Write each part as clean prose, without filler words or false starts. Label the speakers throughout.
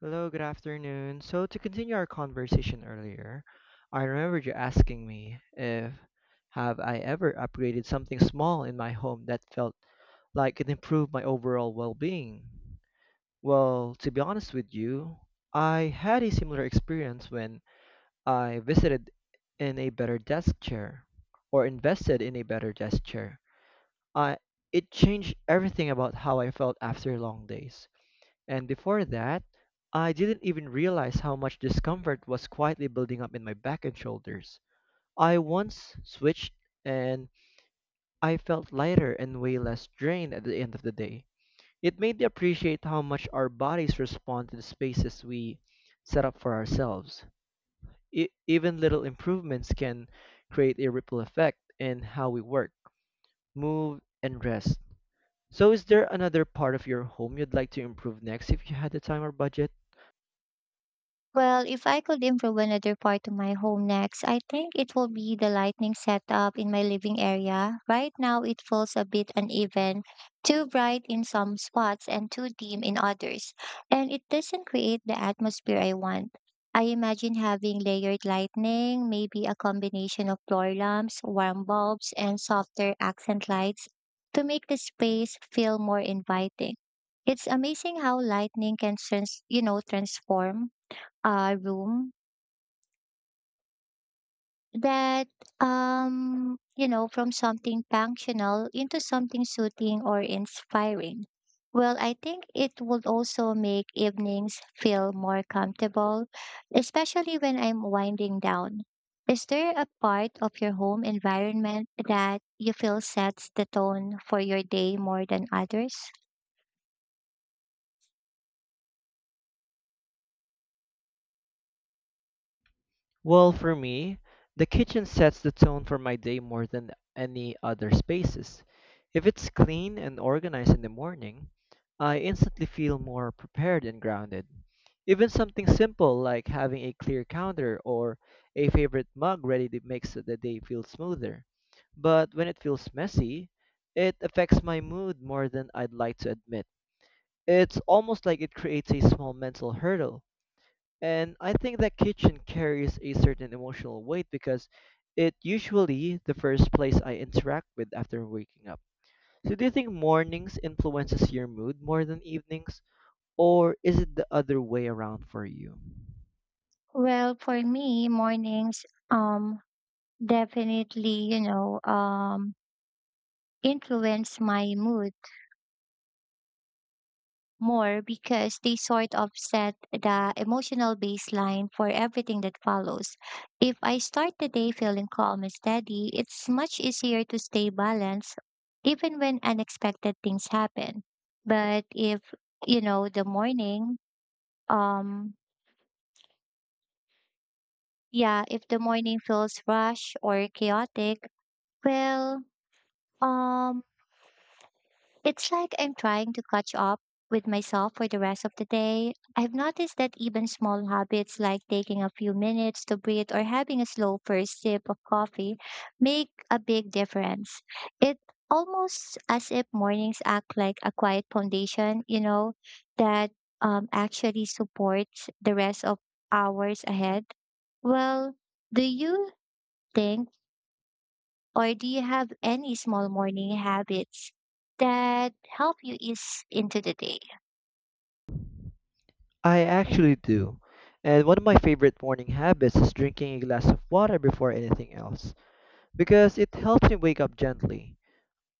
Speaker 1: Hello, good afternoon. So, to continue our conversation earlier, I remembered you asking me if have I ever upgraded something small in my home that felt like it improved my overall well-being. Well, to be honest with you, I had a similar experience when I visited in a better desk chair or invested in a better desk chair. I it changed everything about how I felt after long days. And before that, I didn't even realize how much discomfort was quietly building up in my back and shoulders. I once switched and I felt lighter and way less drained at the end of the day. It made me appreciate how much our bodies respond to the spaces we set up for ourselves. Even little improvements can create a ripple effect in how we work, move, and rest. So, is there another part of your home you'd like to improve next if you had the time or budget?
Speaker 2: Well, if I could improve another part of my home next, I think it will be the lighting setup in my living area. Right now, it feels a bit uneven, too bright in some spots and too dim in others, and it doesn't create the atmosphere I want. I imagine having layered lighting, maybe a combination of floor lamps, warm bulbs, and softer accent lights to make the space feel more inviting. It's amazing how lightning can transform room that from something functional into something soothing or inspiring. Well, I think it would also make evenings feel more comfortable, especially when I'm winding down. Is there a part of your home environment that you feel sets the tone for your day more than others?
Speaker 1: Well, for me, the kitchen sets the tone for my day more than any other spaces. If it's clean and organized in the morning, I instantly feel more prepared and grounded. Even something simple like having a clear counter or a favorite mug ready to makes the day feel smoother. But when it feels messy, it affects my mood more than I'd like to admit. It's almost like it creates a small mental hurdle, and I think that kitchen carries a certain emotional weight because it usually the first place I interact with after waking up. So do you think mornings influences your mood more than evenings or is it the other way around for you?
Speaker 2: Well, for me, mornings definitely influence my mood more, because they sort of set the emotional baseline for everything that follows. If I start the day feeling calm and steady, it's much easier to stay balanced even when unexpected things happen. But if, the morning, um, yeah, if the morning feels rushed or chaotic, well, um, it's like I'm trying to catch up with myself for the rest of the day. I've noticed that even small habits like taking a few minutes to breathe or having a slow first sip of coffee make a big difference. It almost as if mornings act like a quiet foundation, that actually supports the rest of hours ahead. Well, do you think or do you have any small morning habits that help you ease into the day?
Speaker 1: I actually do. And one of my favorite morning habits is drinking a glass of water before anything else because it helps me wake up gently.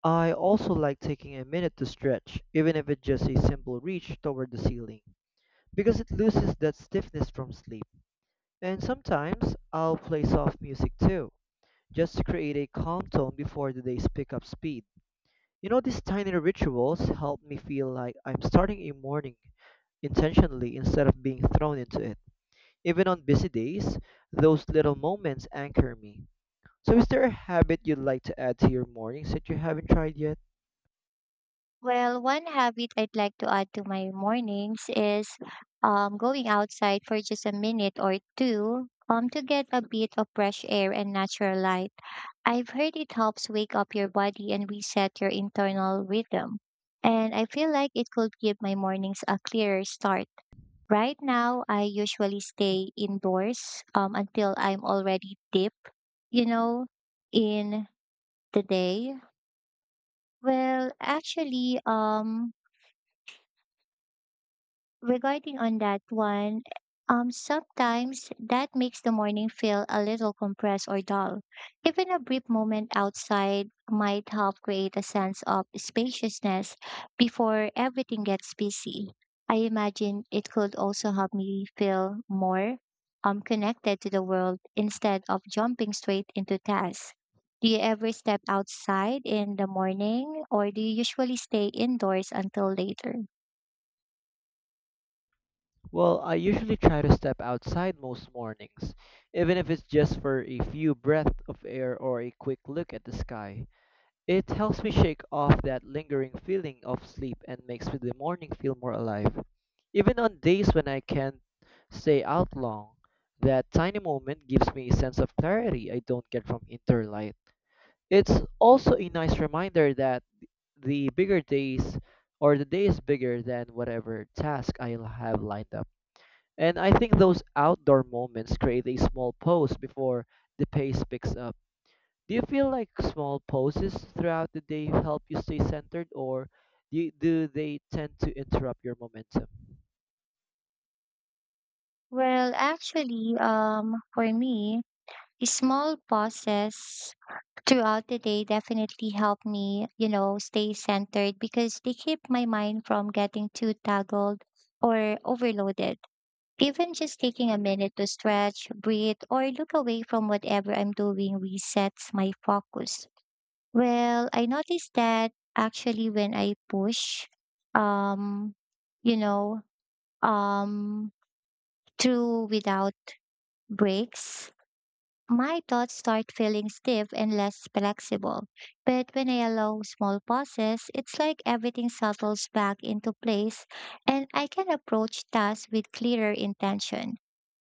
Speaker 1: I also like taking a minute to stretch, even if it's just a simple reach toward the ceiling, because it loses that stiffness from sleep. And sometimes I'll play soft music too, just to create a calm tone before the days pick up speed. You know, these tiny rituals help me feel like I'm starting a morning intentionally instead of being thrown into it. Even on busy days, those little moments anchor me. So, is there a habit you'd like to add to your mornings that you haven't tried yet?
Speaker 2: Well, one habit I'd like to add to my mornings is going outside for just a minute or two to get a bit of fresh air and natural light. I've heard it helps wake up your body and reset your internal rhythm. And I feel like it could give my mornings a clearer start. Right now, I usually stay indoors until I'm already deep, you know, in the day. Well, actually, regarding on that one, sometimes that makes the morning feel a little compressed or dull. Even a brief moment outside might help create a sense of spaciousness before everything gets busy. I imagine it could also help me feel more connected to the world instead of jumping straight into tasks. Do you ever step outside in the morning, or do you usually stay indoors until later?
Speaker 1: Well, I usually try to step outside most mornings, even if it's just for a few breaths of air or a quick look at the sky. It helps me shake off that lingering feeling of sleep and makes the morning feel more alive. Even on days when I can't stay out long, that tiny moment gives me a sense of clarity I don't get from inner light. It's also a nice reminder that the bigger days or the day is bigger than whatever task I have lined up. And I think those outdoor moments create a small pause before the pace picks up. Do you feel like small pauses throughout the day help you stay centered, or do they tend to interrupt your momentum?
Speaker 2: Well, actually, for me, small pauses throughout the day definitely help me, stay centered, because they keep my mind from getting too tangled or overloaded. Even just taking a minute to stretch, breathe, or look away from whatever I'm doing resets my focus. Well, I noticed that actually when I push, um, you know, um, through without breaks, my thoughts start feeling stiff and less flexible. But when I allow small pauses, it's like everything settles back into place and I can approach tasks with clearer intention.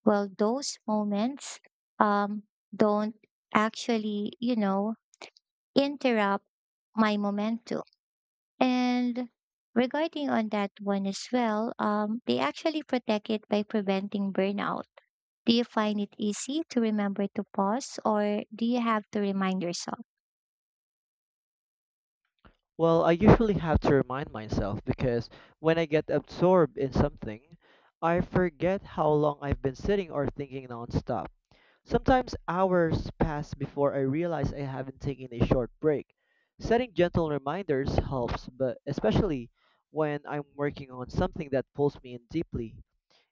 Speaker 2: Well, those moments um, don't actually, interrupt my momentum. And regarding on that one as well, they actually protect it by preventing burnout. Do you find it easy to remember to pause, or do you have to remind yourself?
Speaker 1: Well, I usually have to remind myself because when I get absorbed in something, I forget how long I've been sitting or thinking nonstop. Sometimes hours pass before I realize I haven't taken a short break. Setting gentle reminders helps, but especially when I'm working on something that pulls me in deeply.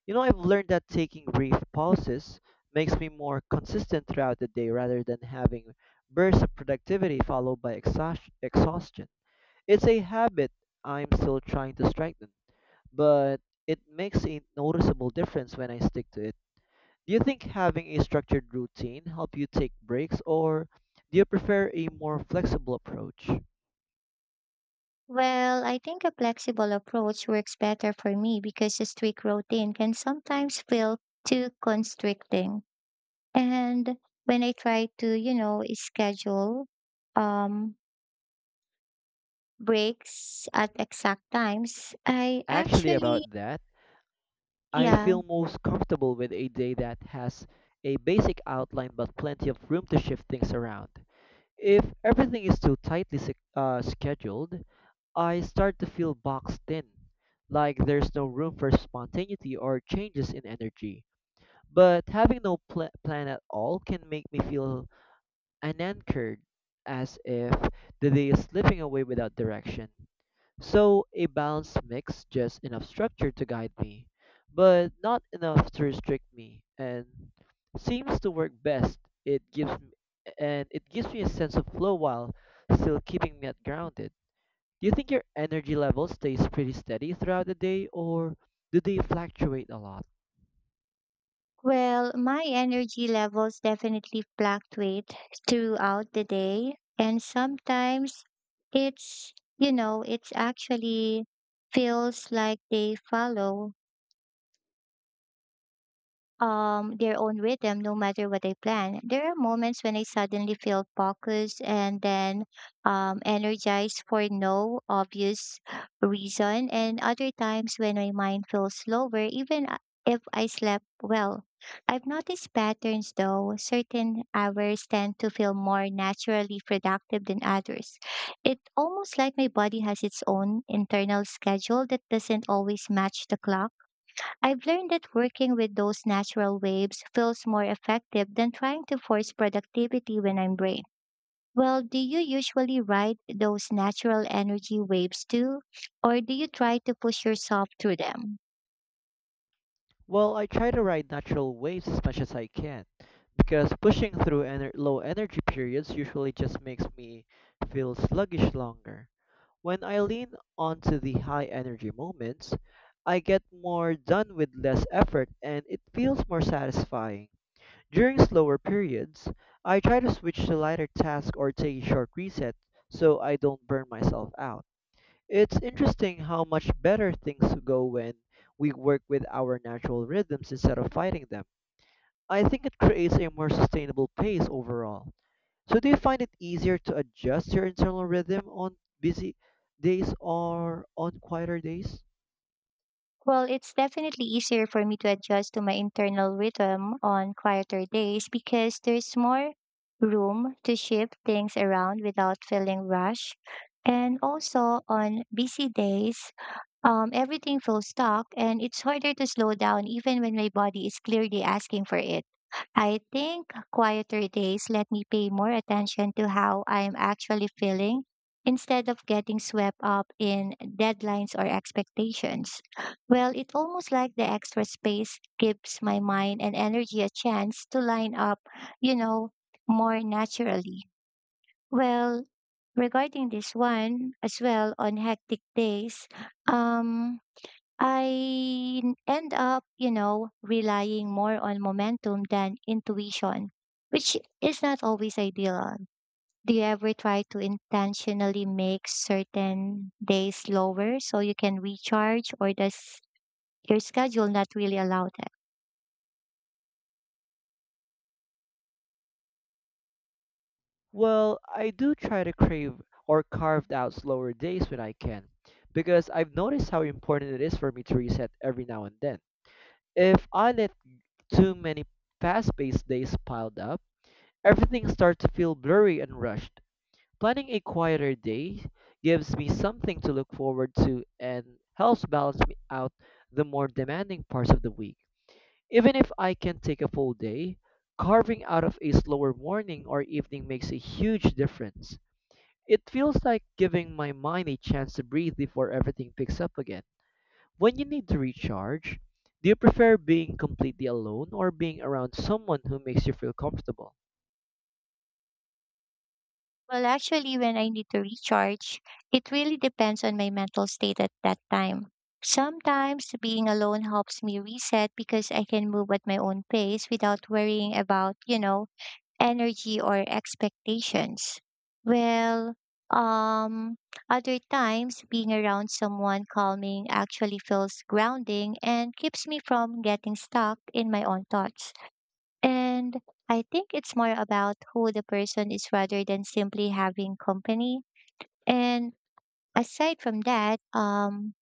Speaker 1: You know, I've learned that taking brief pauses makes me more consistent throughout the day rather than having bursts of productivity followed by exhaustion. It's a habit I'm still trying to strengthen, but it makes a noticeable difference when I stick to it. Do you think having a structured routine help you take breaks or do you prefer a more flexible approach?
Speaker 2: Well, I think a flexible approach works better for me, because a strict routine can sometimes feel too constricting. And when I try to, schedule um breaks at exact times, I
Speaker 1: Actually
Speaker 2: actually,
Speaker 1: about that, I
Speaker 2: yeah.
Speaker 1: feel most comfortable with a day that has a basic outline but plenty of room to shift things around. If everything is too scheduled, I start to feel boxed in, like there's no room for spontaneity or changes in energy. But having no plan at all can make me feel and anchored, as if the day is slipping away without direction. So a balanced mix, just enough structure to guide me, but not enough to restrict me, and seems to work best. It gives m- and it gives me a sense of flow while still keeping me at grounded. Do you think your energy level stays pretty steady throughout the day, or do they fluctuate a lot?
Speaker 2: Well, my energy levels definitely fluctuate throughout the day. And sometimes it's, you know, it's actually feels like they follow their own rhythm no matter what I plan. There are moments when I suddenly feel focused and then energized for no obvious reason, and other times when my mind feels slower, even if I slept well. I've noticed patterns though. Certain hours tend to feel more naturally productive than others. It's almost like my body has its own internal schedule that doesn't always match the clock. I've learned that working with those natural waves feels more effective than trying to force productivity when I'm brain. Well, do you usually ride those natural energy waves too, or do you try to push yourself through them?
Speaker 1: Well, I try to ride natural waves as much as I can because pushing through low energy periods usually just makes me feel sluggish longer. When I lean onto the high energy moments, I get more done with less effort and it feels more satisfying. During slower periods, I try to switch to lighter tasks or take a short reset so I don't burn myself out. It's interesting how much better things go when we work with our natural rhythms instead of fighting them. I think it creates a more sustainable pace overall. So, do you find it easier to adjust your internal rhythm on busy days or on quieter days?
Speaker 2: Well, it's definitely easier for me to adjust to my internal rhythm on quieter days, because there's more room to shift things around without feeling rushed. And also on busy days, everything feels stuck, and it's harder to slow down even when my body is clearly asking for it. I think quieter days let me pay more attention to how I'm actually feeling instead of getting swept up in deadlines or expectations. Well, it's almost like the extra space gives my mind and energy a chance to line up, you know, more naturally. Well, regarding this one as well, on hectic days, um, I end up, relying more on momentum than intuition, which is not always ideal. Do you ever try to intentionally make certain days slower so you can recharge, or does your schedule not really allow that?
Speaker 1: Well, I do try to crave or carve out slower days when I can, because I've noticed how important it is for me to reset every now and then. If I let too many fast-paced days piled up, everything starts to feel blurry and rushed. Planning a quieter day gives me something to look forward to and helps balance me out the more demanding parts of the week. Even if I can take a full day, carving out of a slower morning or evening makes a huge difference. It feels like giving my mind a chance to breathe before everything picks up again. When you need to recharge, do you prefer being completely alone or being around someone who makes you feel comfortable?
Speaker 2: Well, actually, when I need to recharge, it really depends on my mental state at that time. Sometimes being alone helps me reset, because I can move at my own pace without worrying about, energy or expectations. Well, um, other times being around someone calming actually feels grounding and keeps me from getting stuck in my own thoughts. And I think it's more about who the person is rather than simply having company. And aside from that,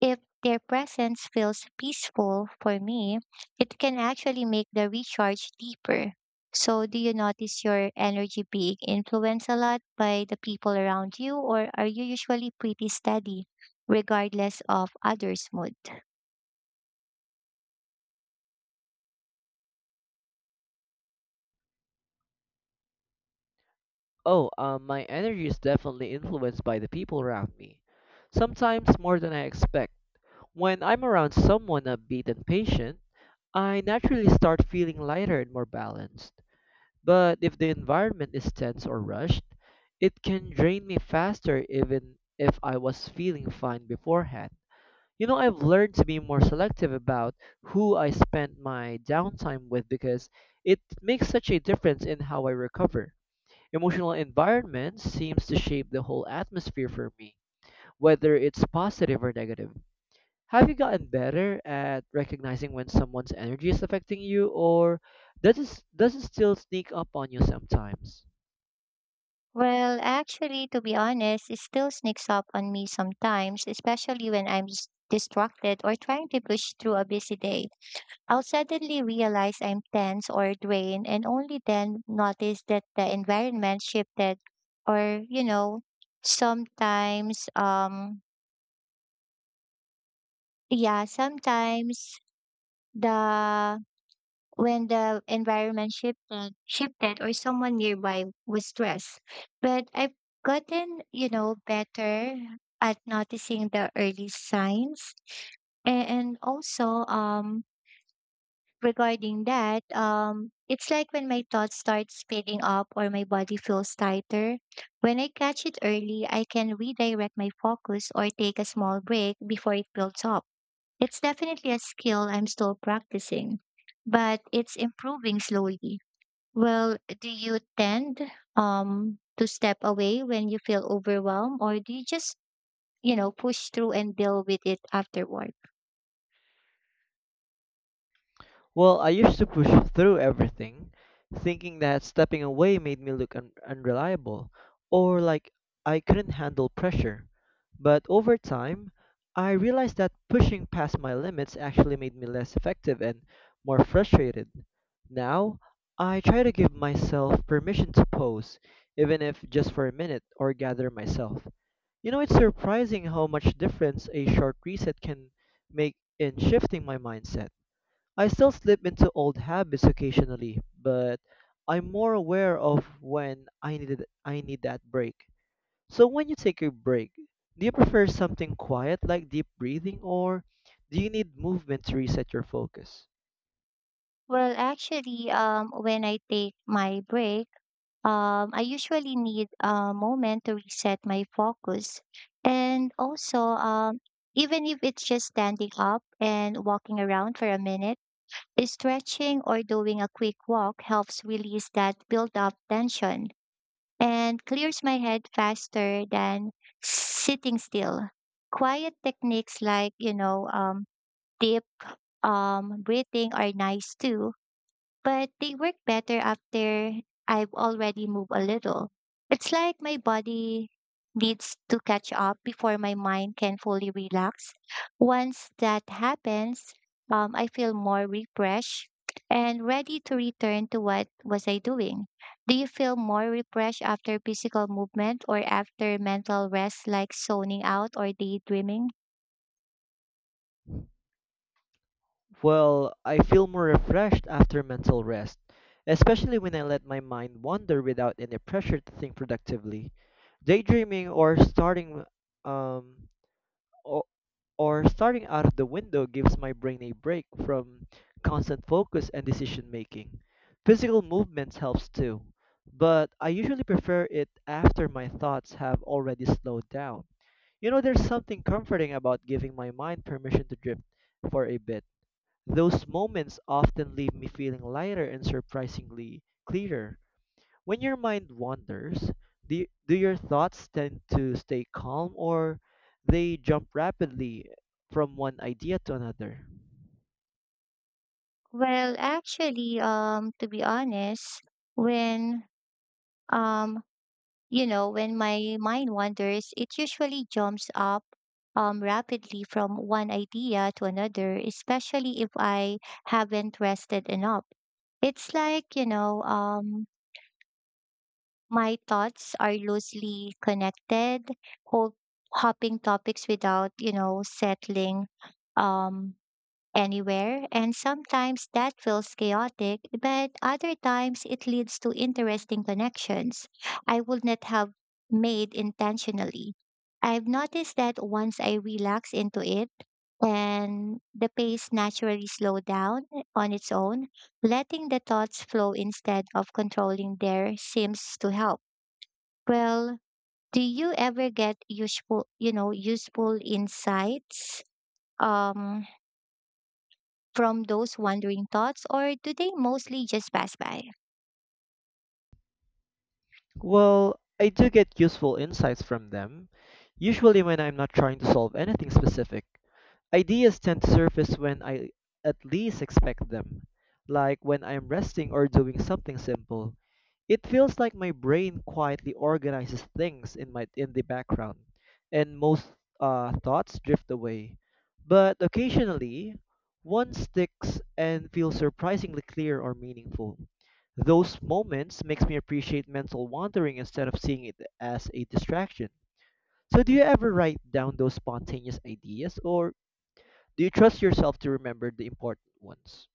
Speaker 2: if their presence feels peaceful for me, it can actually make the recharge deeper. So, do you notice your energy being influenced a lot by the people around you, or are you usually pretty steady, regardless of others' mood?
Speaker 1: Oh, my energy is definitely influenced by the people around me, sometimes more than I expect. When I'm around someone upbeat and patient, I naturally start feeling lighter and more balanced. But if the environment is tense or rushed, it can drain me faster even if I was feeling fine beforehand. You know, I've learned to be more selective about who I spend my downtime with because it makes such a difference in how I recover. Emotional environment seems to shape the whole atmosphere for me, whether it's positive or negative. Have you gotten better at recognizing when someone's energy is affecting you, or does it still sneak up on you sometimes?
Speaker 2: Well, actually, to be honest, it still sneaks up on me sometimes, especially when I'm distracted or trying to push through a busy day. I'll suddenly realize I'm tense or drained and only then notice that the environment shifted. Or you know sometimes yeah, sometimes the when the environment shifted or someone nearby was stressed. But I've gotten, better at noticing the early signs. And also, regarding that, it's like when my thoughts start speeding up or my body feels tighter. When I catch it early, I can redirect my focus or take a small break before it builds up. It's definitely a skill I'm still practicing, but it's improving slowly. Well, do you tend to step away when you feel overwhelmed, or do you just, push through and deal with it afterward?
Speaker 1: Well, I used to push through everything, thinking that stepping away made me look unreliable or like I couldn't handle pressure. But over time, I realized that pushing past my limits actually made me less effective and more frustrated. Now, I try to give myself permission to pause, even if just for a minute, or gather myself. You know, it's surprising how much difference a short reset can make in shifting my mindset. I still slip into old habits occasionally, but I'm more aware of when I need that break. So when you take your break, do you prefer something quiet like deep breathing or do you need movement to reset your focus?
Speaker 2: Well, actually, when I take my break, I usually need a moment to reset my focus. And also, even if it's just standing up and walking around for a minute, stretching or doing a quick walk helps release that built up tension and clears my head faster than sitting still. Quiet techniques like, deep breathing are nice too, but they work better after I've already moved a little. It's like my body needs to catch up before my mind can fully relax. Once that happens, I feel more refreshed and ready to return to what was I doing. Do you feel more refreshed after physical movement or after mental rest like zoning out or daydreaming?
Speaker 1: Well, I feel more refreshed after mental rest, especially when I let my mind wander without any pressure to think productively. Daydreaming or um, o- starting out of the window gives my brain a break from constant focus and decision making. Physical movements helps too, but I usually prefer it after my thoughts have already slowed down. You know, there's something comforting about giving my mind permission to drift for a bit. Those moments often leave me feeling lighter and surprisingly clearer. When your mind wanders, do your thoughts tend to stay calm or they jump rapidly from one idea to another?
Speaker 2: Well, actually, to be honest, when um you know, when my mind wanders, it usually jumps up rapidly from one idea to another, especially if I haven't rested enough. It's like, my thoughts are loosely connected, hop- hopping topics without, settling. Um, anywhere, and sometimes that feels chaotic, but other times it leads to interesting connections I would not have made intentionally. I've noticed that once I relax into it and the pace naturally slow down on its own, letting the thoughts flow instead of controlling there seems to help. Well, do you ever get useful insights Um, from those wandering thoughts, or do they mostly just pass by?
Speaker 1: Well, I do get useful insights from them, usually when I'm not trying to solve anything specific. Ideas tend to surface when I at least expect them, like when I'm resting or doing something simple. It feels like my brain quietly organizes things in the background, and most thoughts drift away. But occasionally, one sticks and feels surprisingly clear or meaningful. Those moments makes me appreciate mental wandering instead of seeing it as a distraction. So do you ever write down those spontaneous ideas or do you trust yourself to remember the important ones?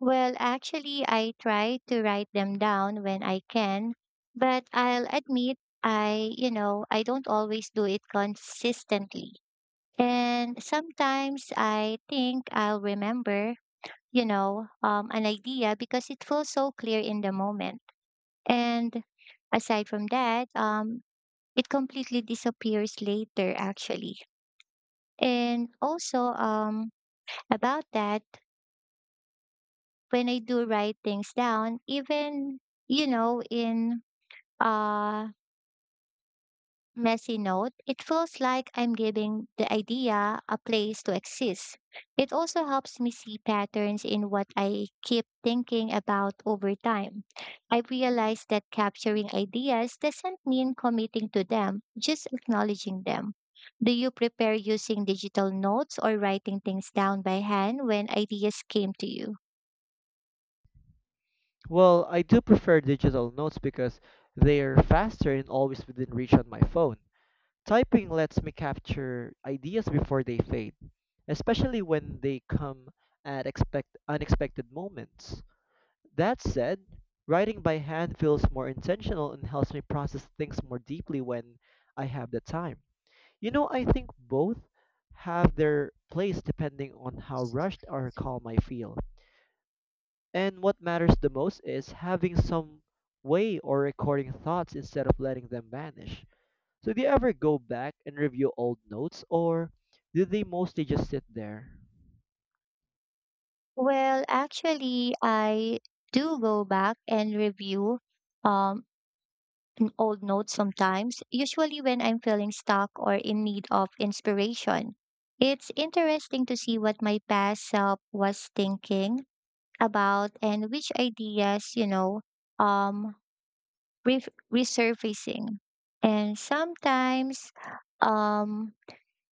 Speaker 2: Well, actually, I try to write them down when I can, but I'll admit I, I don't always do it consistently. And sometimes I think I'll remember, an idea because it feels so clear in the moment. And aside from that, it completely disappears later, actually. And also, about that, when I do write things down, even, in a messy note, it feels like I'm giving the idea a place to exist. It also helps me see patterns in what I keep thinking about over time. I realize that capturing ideas doesn't mean committing to them, just acknowledging them. Do you prepare using digital notes or writing things down by hand when ideas came to you?
Speaker 1: Well, I do prefer digital notes because they're faster and always within reach on my phone. Typing lets me capture ideas before they fade, especially when they come at expect unexpected moments. That said, writing by hand feels more intentional and helps me process things more deeply when I have the time. You know, I think both have their place depending on how rushed or calm I feel. And what matters the most is having some way or recording thoughts instead of letting them vanish. So, do you ever go back and review old notes, or do they mostly just sit there?
Speaker 2: Well, actually, I do go back and review um old notes sometimes, usually when I'm feeling stuck or in need of inspiration. It's interesting to see what my past self was thinking about and which ideas, you know, um ref resurfacing. And sometimes um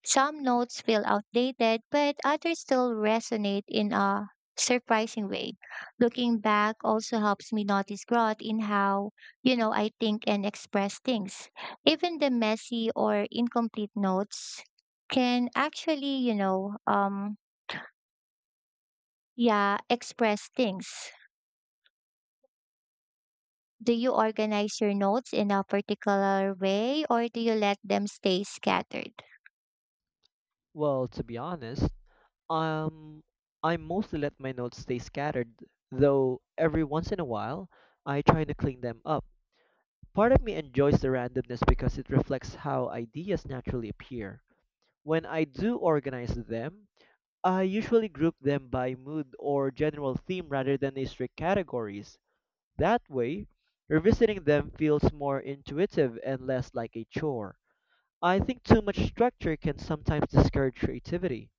Speaker 2: some notes feel outdated, but others still resonate in a surprising way. Looking back also helps me notice growth in how, I think and express things. Even the messy or incomplete notes can actually, yeah, express things. Do you organize your notes in a particular way or do you let them stay scattered?
Speaker 1: Well, to be honest, um, I mostly let my notes stay scattered, though every once in a while I try to clean them up. Part of me enjoys the randomness because it reflects how ideas naturally appear. When I do organize them, I usually group them by mood or general theme rather than a strict categories. That way, revisiting them feels more intuitive and less like a chore. I think too much structure can sometimes discourage creativity.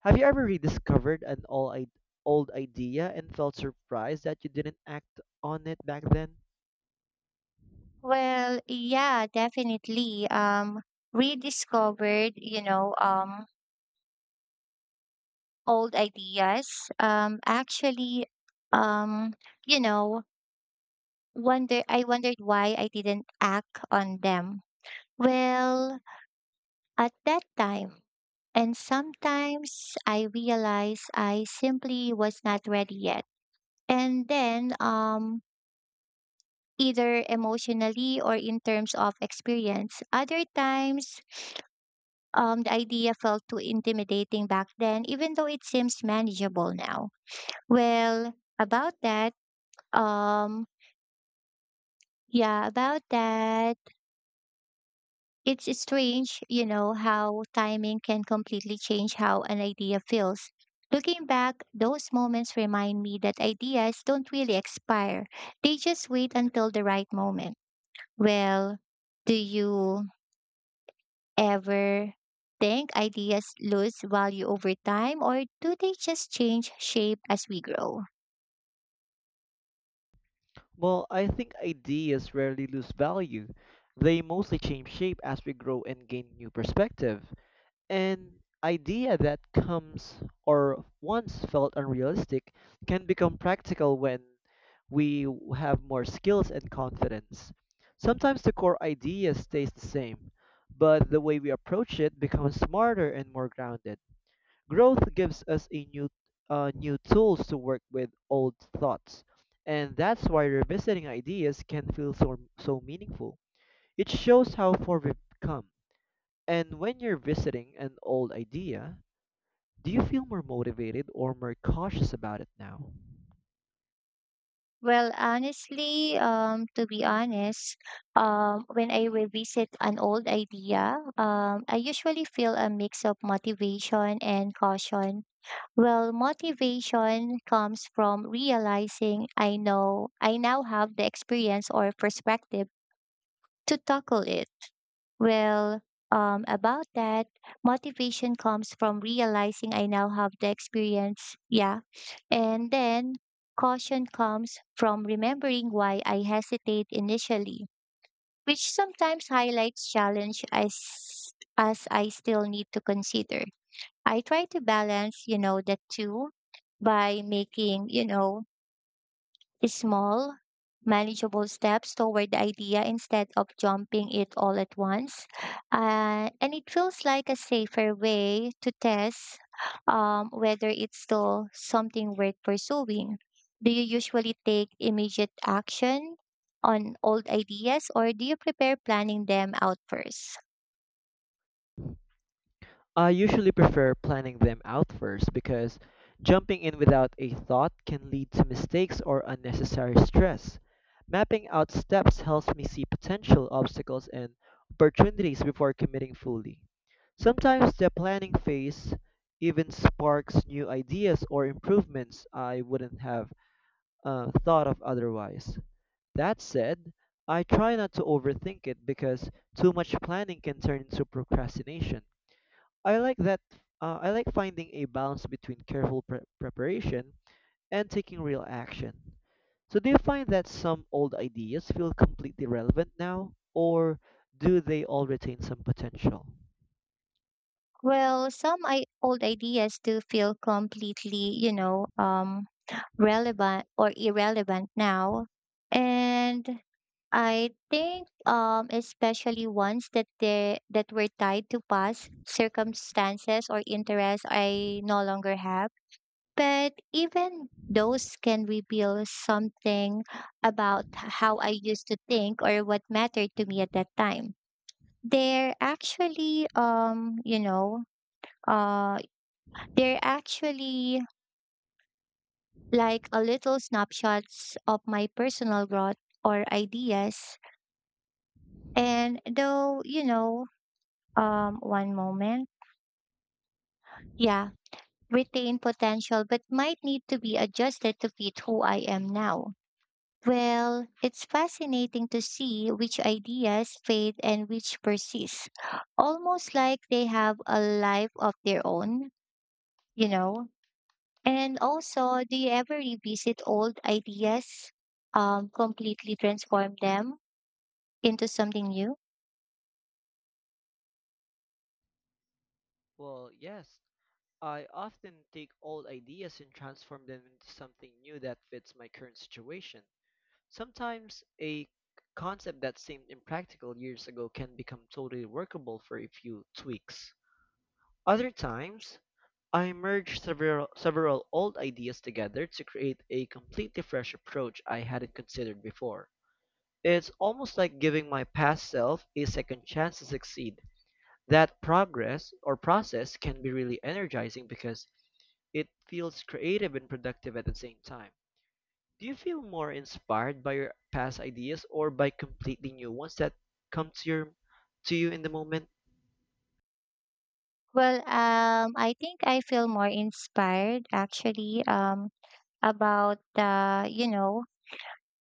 Speaker 1: Have you ever rediscovered an old idea and felt surprised that you didn't act on it back then?
Speaker 2: Well, yeah, definitely. Rediscovered, old ideas. Actually, um, you know, wonder I wondered why I didn't act on them. Well, at that time, and sometimes I realized I simply was not ready yet. And then, um, Either emotionally or in terms of experience. Other times the idea felt too intimidating back then, even though it seems manageable now. Well, about that, um, yeah, about that, It's strange, how timing can completely change how an idea feels. Looking back, those moments remind me that ideas don't really expire, they just wait until the right moment. Well, do you ever think ideas lose value over time or do they just change shape as we grow?
Speaker 1: Well, I think ideas rarely lose value. They mostly change shape as we grow and gain new perspective. An idea that comes or once felt unrealistic can become practical when have more skills and confidence. Sometimes the core idea stays the same, but the way we approach it becomes smarter and more grounded. Growth gives us a new tools to work with old thoughts, and that's why revisiting ideas can feel so meaningful. It shows how far we've come. And when you're visiting an old idea, do you feel more motivated or more cautious about it now?
Speaker 2: Well, honestly, to be honest, When I revisit an old idea, I usually feel a mix of motivation and caution. Well, motivation comes from realizing I now have the experience or perspective to tackle it. Well, um, about that, Motivation comes from realizing I now have the experience. Yeah. And then caution comes from remembering why I hesitate initially, which sometimes highlights challenge as I still need to consider. I try to balance, the two by making, small, manageable steps toward the idea instead of jumping it all at once. And it feels like a safer way to test whether it's still something worth pursuing. Do you usually take immediate action on old ideas or do you prepare planning them out first?
Speaker 1: I usually prefer planning them out first because jumping in without a thought can lead to mistakes or unnecessary stress. Mapping out steps helps me see potential obstacles and opportunities before committing fully. Sometimes the planning phase even sparks new ideas or improvements I wouldn't have thought of otherwise. That said, I try not to overthink it because too much planning can turn into procrastination. I like finding a balance between careful preparation and taking real action. So do you find that some old ideas feel completely relevant now or do they all retain some potential?
Speaker 2: Well, some old ideas do feel completely, relevant or irrelevant now. And I think, especially ones that were tied to past circumstances or interests I no longer have. But even those can reveal something about how I used to think or what mattered to me at that time. They're actually, uh, they're actually like a little snapshots of my personal growth or ideas. And though, one moment, yeah, retain potential, but might need to be adjusted to fit who I am now. Well, it's fascinating to see which ideas fade and which persist, almost like they have a life of their own, you know. And also, do you ever revisit old ideas, completely transform them into something new?
Speaker 1: Well, yes, I often take old ideas and transform them into something new that fits my current situation. Sometimes a concept that seemed impractical years ago can become totally workable for a few tweaks. Other times, I merge several old ideas together to create a completely fresh approach I hadn't considered before. It's almost like giving my past self a second chance to succeed. That progress or process can be really energizing because it feels creative and productive at the same time. Do you feel more inspired by your past ideas or by completely new ones that come to your to you in the moment?
Speaker 2: I think I feel more inspired actually, about the,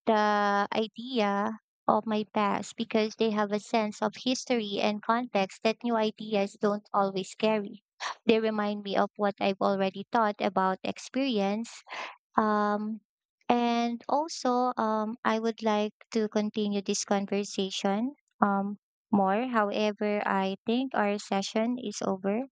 Speaker 2: the idea of my past because they have a sense of history and context that new ideas don't always carry. They remind me of what I've already thought about experience. Um, and also, I would like to continue this conversation um, more. However, I think our session is over.